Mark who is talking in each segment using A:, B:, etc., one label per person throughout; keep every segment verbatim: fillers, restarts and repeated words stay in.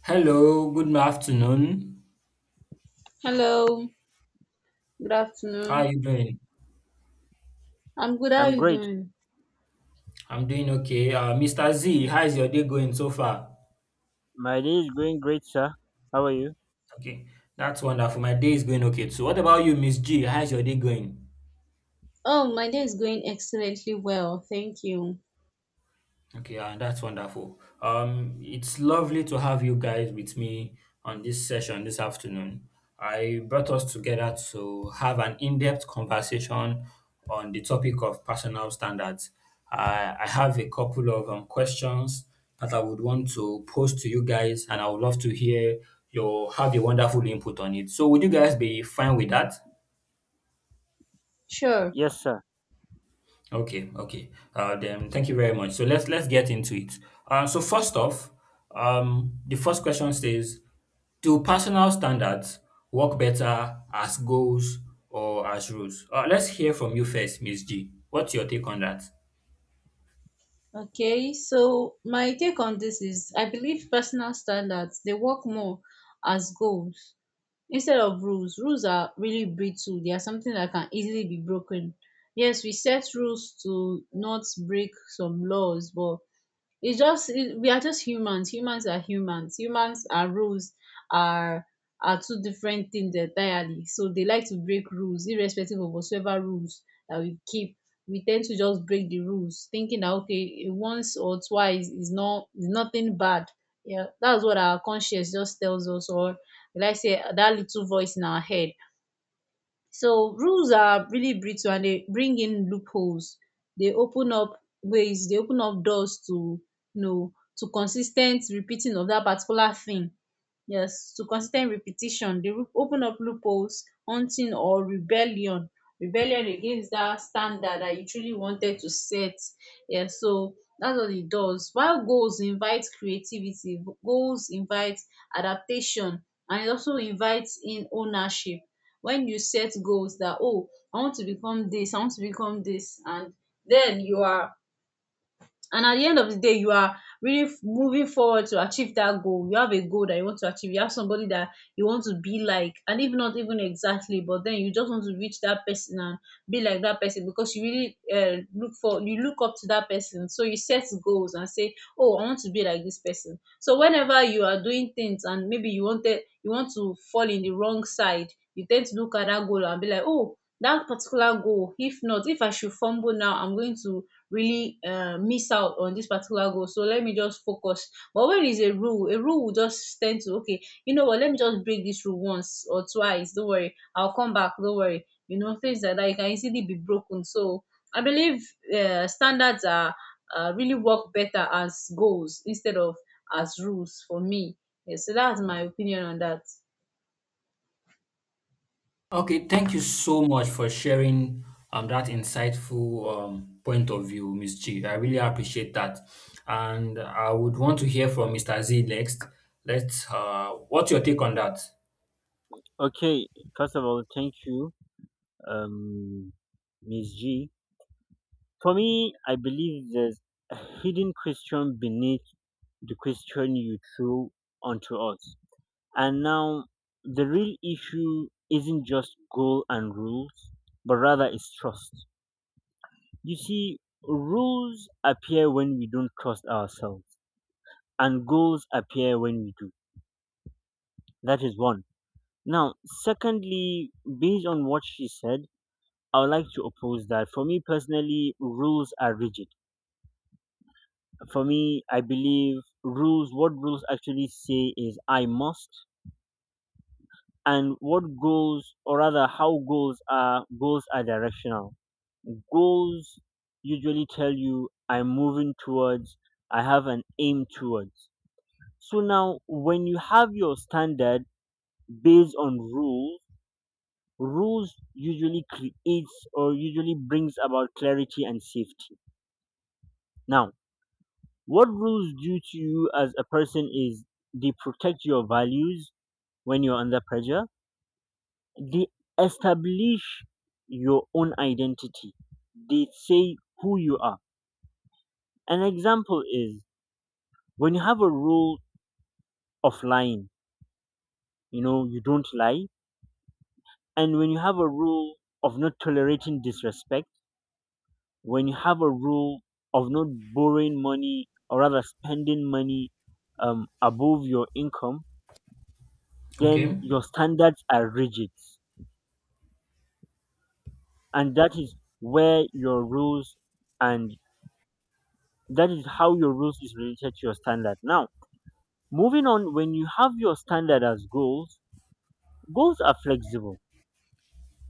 A: Hello, good afternoon.
B: Hello, good
A: How are
B: afternoon.
A: you doing?
B: I'm good. How are
C: I'm
B: you
C: great.
B: doing?
A: I'm doing okay. Uh, mister Z, how is your day going so far?
C: My day is going great, sir. How are you?
A: Okay, that's wonderful. My day is going okay too. What about you, Miss G? How is your day going?
B: Oh, my day is going excellently well. Thank you.
A: Okay, and that's wonderful. Um, it's lovely to have you guys with me on this session this afternoon. I brought us together to have an in-depth conversation on the topic of personal standards. I, I have a couple of um, questions that I would want to pose to you guys, and I would love to hear your have a wonderful input on it. So, would you guys be fine with that?
B: Sure.
C: Yes, sir.
A: Okay, okay. Uh, then thank you very much. So let's let's get into it. Uh, so first off, um, the first question says, do personal standards work better as goals or as rules? Uh, let's hear from you first, Miss G. What's your take on that?
B: Okay, so my take on this is I believe personal standards they work more as goals instead of rules. Rules are really brittle, they are something that can easily be broken. Yes, we set rules to not break some laws, but it's just it, we are just humans, humans are humans humans are rules are are two different things entirely, so they like to break rules irrespective of whatsoever rules that we keep. We tend to just break the rules thinking that okay, once or twice is not is nothing bad. Yeah, that's what our conscience just tells us, or like I say, that little voice in our head. So rules are really brittle and they bring in loopholes. They open up ways, they open up doors to, you know to consistent repeating of that particular thing. Yes, to consistent repetition. They ru- open up loopholes, hunting or rebellion. Rebellion against that standard that you truly wanted to set. Yeah, so that's what it does. While goals invite creativity, goals invite adaptation, and it also invites in ownership. When you set goals that, oh, I want to become this I want to become this and then you are, and at the end of the day you are really moving forward to achieve that goal. You have a goal that you want to achieve, you have somebody that you want to be like, and if not even exactly, but then you just want to reach that person and be like that person, because you really uh, look for, you look up to that person. So you set goals and say, oh, I want to be like this person. So whenever you are doing things and maybe you wanted you want to fall in the wrong side, you tend to look at that goal and be like, oh, that particular goal, if not, if I should fumble now, I'm going to really uh, miss out on this particular goal. So let me just focus. But when is a rule, a rule will just tend to, okay, you know what, let me just break this rule once or twice. Don't worry, I'll come back. Don't worry. You know, things like that, it can easily be broken. So I believe uh, standards are uh, really work better as goals instead of as rules for me. Yeah, so that's my opinion on that.
A: Okay, thank you so much for sharing um, that insightful um, point of view, Miss G. I really appreciate that. And I would want to hear from mister Z next. Let's, uh, what's your take on that?
C: Okay. First of all, thank you, um, Miss G. For me, I believe there's a hidden question beneath the question you threw onto us. And now, the real issue isn't just goal and rules, but rather it's trust. You see, rules appear when we don't trust ourselves, and goals appear when we do. That is one. Now, secondly, based on what she said, I would like to oppose that. For me personally, rules are rigid. For me, I believe rules, what rules actually say is I must, and what goals, or rather, how goals are, goals are directional. Goals usually tell you I'm moving towards, I have an aim towards. So now, when you have your standard based on rules, rules usually creates or usually brings about clarity and safety now, what rules do to you as a person is they protect your values when you're under pressure, they establish your own identity, they say who you are. An example is when you have a rule of lying, you know you don't lie, and when you have a rule of not tolerating disrespect, when you have a rule of not borrowing money or rather spending money um, above your income, then
A: Okay.
C: your standards are rigid. And that is where your rules and that is how your rules is related to your standard. Now, moving on, when you have your standard as goals, goals are flexible.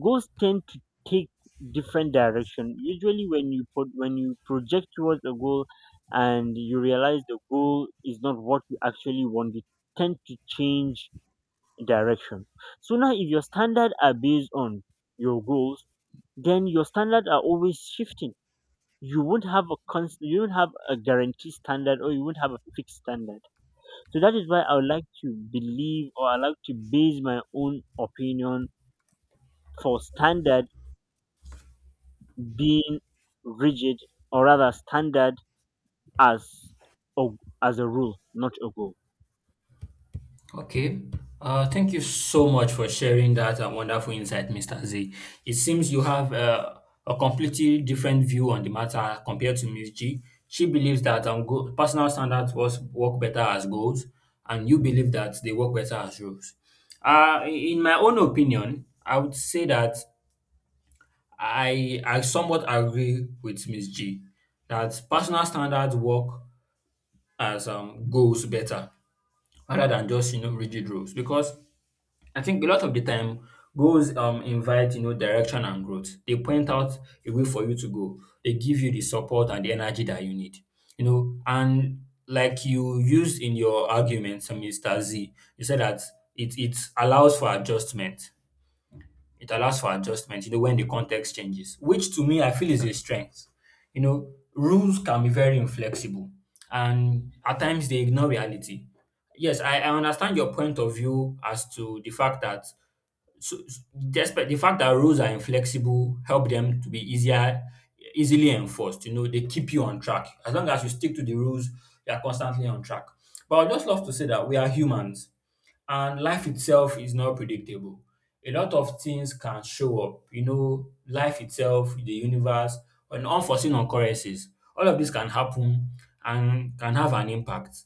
C: Goals tend to take different direction. Usually, when you put when you project towards a goal, and you realize the goal is not what you actually want, you tend to change direction. So now, if your standards are based on your goals, then your standards are always shifting. You won't have a const- you won't have a guaranteed standard, or you won't have a fixed standard. So that is why I would like to believe, or I like to base my own opinion for standard being rigid, or rather standard as a, as a rule, not a goal.
A: Okay. Uh, thank you so much for sharing that uh, wonderful insight, mister Z. It seems you have uh, a completely different view on the matter compared to Miss G. She believes that um, go- personal standards was work better as goals, and you believe that they work better as rules. Uh, in my own opinion, I would say that I I somewhat agree with Miss G that personal standards work as um, goals better rather than just you know rigid rules because I think a lot of the time goals um invite you know direction and growth. They point out a way for you to go. They give you the support and the energy that you need. You know, and like you used in your argument, so mister Z, you said that it it allows for adjustment. It allows for adjustment, you know, when the context changes, which to me I feel is a strength. You know, rules can be very inflexible and at times they ignore reality yes, I, I understand your point of view as to the fact that so s- despite the fact that rules are inflexible, help them to be easier, easily enforced. You know, they keep you on track. As long as you stick to the rules, you are constantly on track. But I'd just love to say that we are humans. And life itself is not predictable. A lot of things can show up, you know, life itself, the universe, and unforeseen occurrences. All of this can happen and can have an impact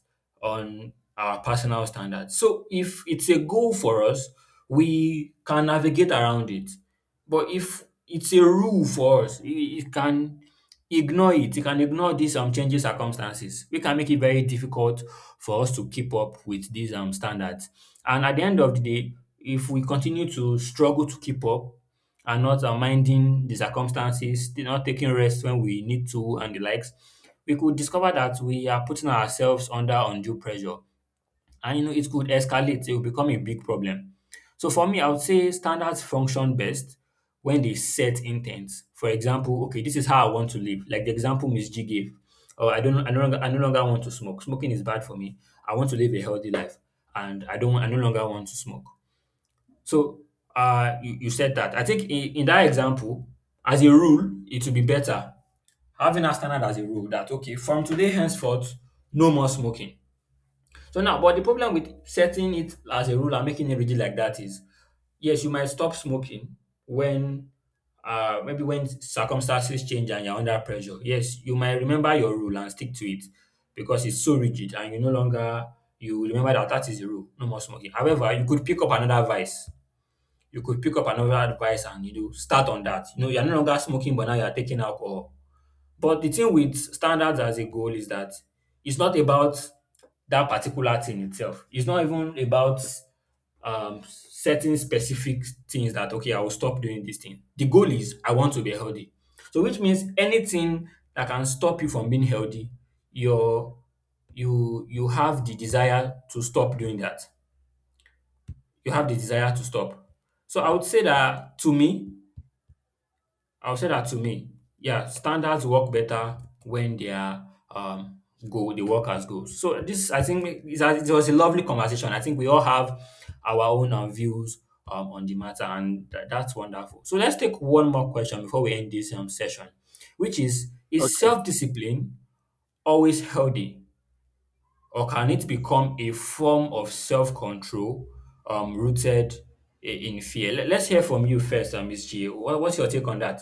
A: on our personal standards. So if it's a goal for us, we can navigate around it. But if it's a rule for us, you can ignore it. You can ignore these um changing circumstances. We can make it very difficult for us to keep up with these um standards. And at the end of the day, if we continue to struggle to keep up and not uh, minding the circumstances, not taking rest when we need to and the likes, we could discover that we are putting ourselves under undue pressure, and you know it could escalate. It will become a big problem. So for me, I would say standards function best when they set intent. For example, okay, this is how I want to live, like the example Miss G gave. Oh, i don't i no longer i no longer want to smoke. Smoking is bad for me. I want to live a healthy life. And i don't i no longer want to smoke. So uh you, you said that I think in, in that example, as a rule it would be better having a standard as a rule that, okay, from today henceforth, no more smoking. So now, but the problem with setting it as a rule and making it rigid like that is, yes, you might stop smoking when, uh, maybe when circumstances change and you're under pressure. Yes, you might remember your rule and stick to it because it's so rigid and you no longer you remember that that is the rule, no more smoking. However, you could pick up another vice. You could pick up another vice and you know start on that. You know, you're no longer smoking, but now you're taking alcohol. But the thing with standards as a goal is that it's not about that particular thing itself. It's not even about um, setting specific things that, okay, I will stop doing this thing. The goal is I want to be healthy. So, which means anything that can stop you from being healthy, your you you have the desire to stop doing that. You have the desire to stop. So I would say that to me, I will say that to me, yeah, standards work better when they are um goal, they work as goals. So this, I think, is a, it was a lovely conversation. I think we all have our own um, views um, on the matter, and tha- that's wonderful. So let's take one more question before we end this um, session, which is: is
C: Okay.
A: self-discipline always healthy, or can it become a form of self-control um, rooted i- in fear? Let- Let's hear from you first, um, miss G. What, what's your take on that?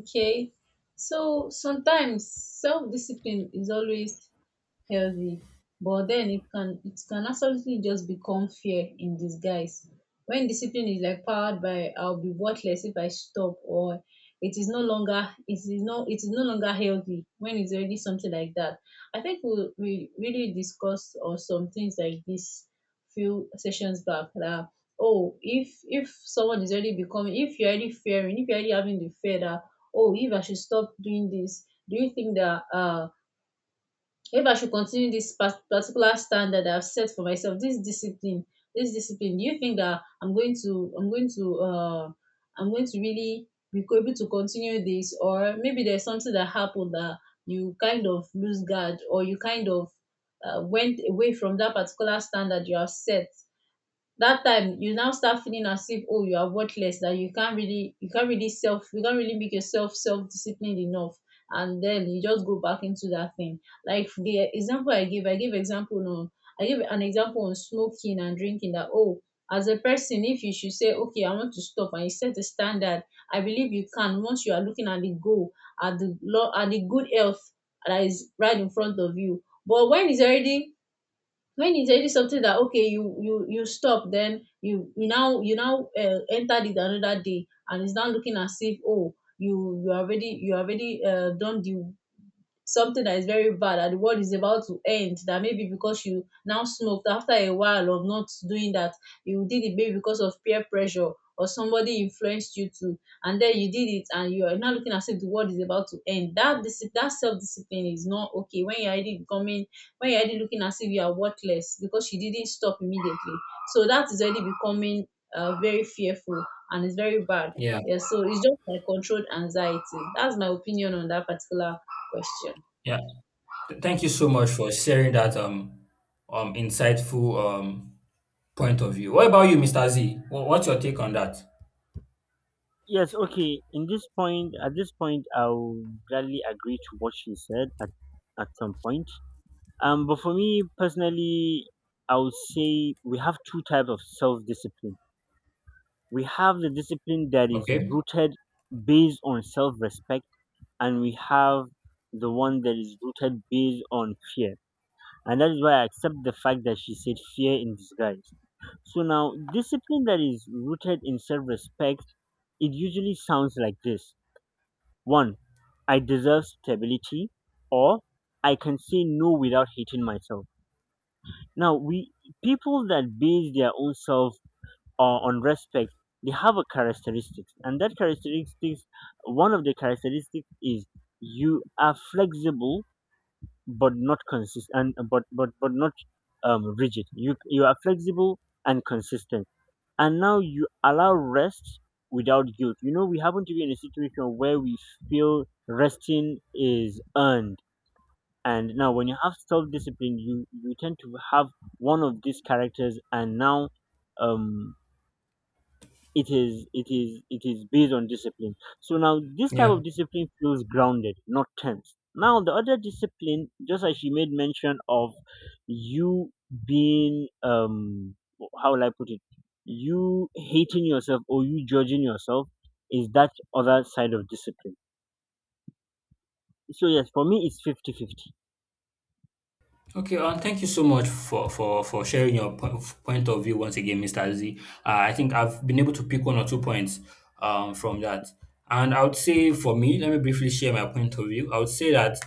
B: Okay. So sometimes self discipline is always healthy, but then it can, it can absolutely just become fear in disguise. When discipline is like powered by, I'll be worthless if I stop, or it is no longer it is no it is no longer healthy when it's already something like that. I think we we really discussed or some things like this few sessions back, that oh, if if someone is already becoming, if you're already fearing, if you're already having the fear that, oh, if I should stop doing this, do you think that uh if I should continue this pas- particular standard I've set for myself, this discipline, this discipline, do you think that I'm going to, I'm going to, uh, I'm going to really be co- able to continue this, or maybe there's something that happened that you kind of lose guard, or you kind of uh, went away from that particular standard you have set? That time you now start feeling as if, oh, you are worthless, that you can't really you can't really self you can't really make yourself self disciplined enough, and then you just go back into that thing. Like the example I give, I give example on I give an example on smoking and drinking, that oh, as a person, if you should say, okay, I want to stop, and you set a standard, I believe you can, once you are looking at the goal, at the law, at the good health that is right in front of you. But when it's already, when it's already something that, okay, you you you stop, then you you now you now uh, entered it another day, and it's now looking as if, oh, you you already you already uh, done the something that is very bad, that the world is about to end, that maybe because you now smoked after a while of not doing that, you did it maybe because of peer pressure, or somebody influenced you to, and then you did it, and you are now looking as if the world is about to end. That dis- that self-discipline is not okay, when you're already becoming, when you're already looking as if you are worthless because you didn't stop immediately. So that is already becoming uh, very fearful, and it's very bad.
A: Yeah.
B: Yeah, so it's just like controlled anxiety. That's my opinion on that particular question.
A: Yeah. Th- Thank you so much for sharing that um um insightful um point of view. What about you, mister Z? Wha- What's your take on that?
C: Yes, okay. In this point, at this point, I'll gladly agree to what she said at, at some point. Um, but for me personally, I would say we have two types of self discipline. We have the discipline that is
A: Okay.
C: rooted based on self respect, and we have the one that is rooted based on fear. And that is why I accept the fact that she said fear in disguise. So now, discipline that is rooted in self respect, it usually sounds like this one, I deserve stability, or I can say no without hating myself. Now, we people that base their own self uh, on respect, they have a characteristics, and that characteristics, one of the characteristics is you are flexible but not consist and but but but not um, rigid. You you are flexible and consistent, and now you allow rest without guilt. You know, we happen to be in a situation where we feel resting is earned, and now when you have self discipline, you you tend to have one of these characters, and now um it is it is it is based on discipline. So now this type
A: Yeah.
C: of discipline feels grounded, not tense. Now the other discipline, just as she made mention of, you being um how will I put it, you hating yourself or you judging yourself, is that other side of discipline. So yes, for me it's fifty-fifty.
A: Okay. Um. Thank you so much for for for sharing your po- point of view once again, mister Z. Uh, I think I've been able to pick one or two points um from that, and I would say for me, let me briefly share my point of view. I would say that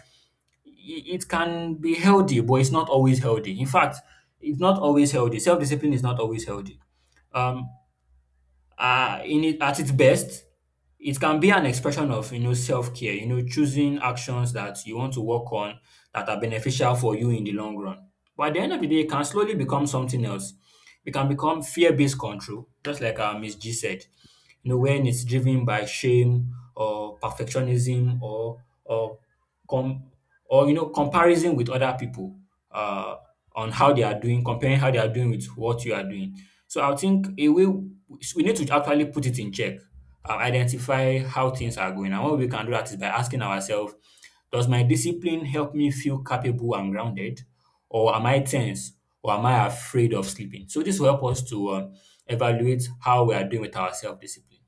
A: i- it can be healthy, but it's not always healthy. In fact, it's not always healthy. Self discipline is not always healthy. Um, uh, in it, at its best, it can be an expression of you know self-care, you know, choosing actions that you want to work on that are beneficial for you in the long run. But at the end of the day, it can slowly become something else. It can become fear-based control, just like uh, Miss G said. You know, when it's driven by shame or perfectionism or or com or you know comparison with other people, uh, on how they are doing, comparing how they are doing with what you are doing. So I think a way we need to actually put it in check, um, identify how things are going. And what we can do that is by asking ourselves, does my discipline help me feel capable and grounded? Or am I tense? Or am I afraid of sleeping? So this will help us to um, evaluate how we are doing with our self-discipline.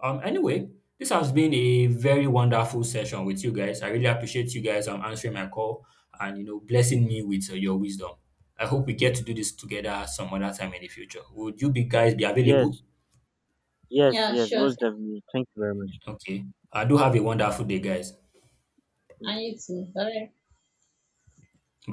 A: Um, anyway, this has been a very wonderful session with you guys. I really appreciate you guys um, answering my call and you know blessing me with uh, your wisdom. I hope we get to do this together some other time in the future. Would you be guys be available?
C: Yes, yes,
B: Yeah,
C: yes,
B: sure.
C: most definitely. Thank you very much.
A: Okay. I do have a wonderful day, guys.
C: Mm.
B: I need to. Bye.
A: Bye.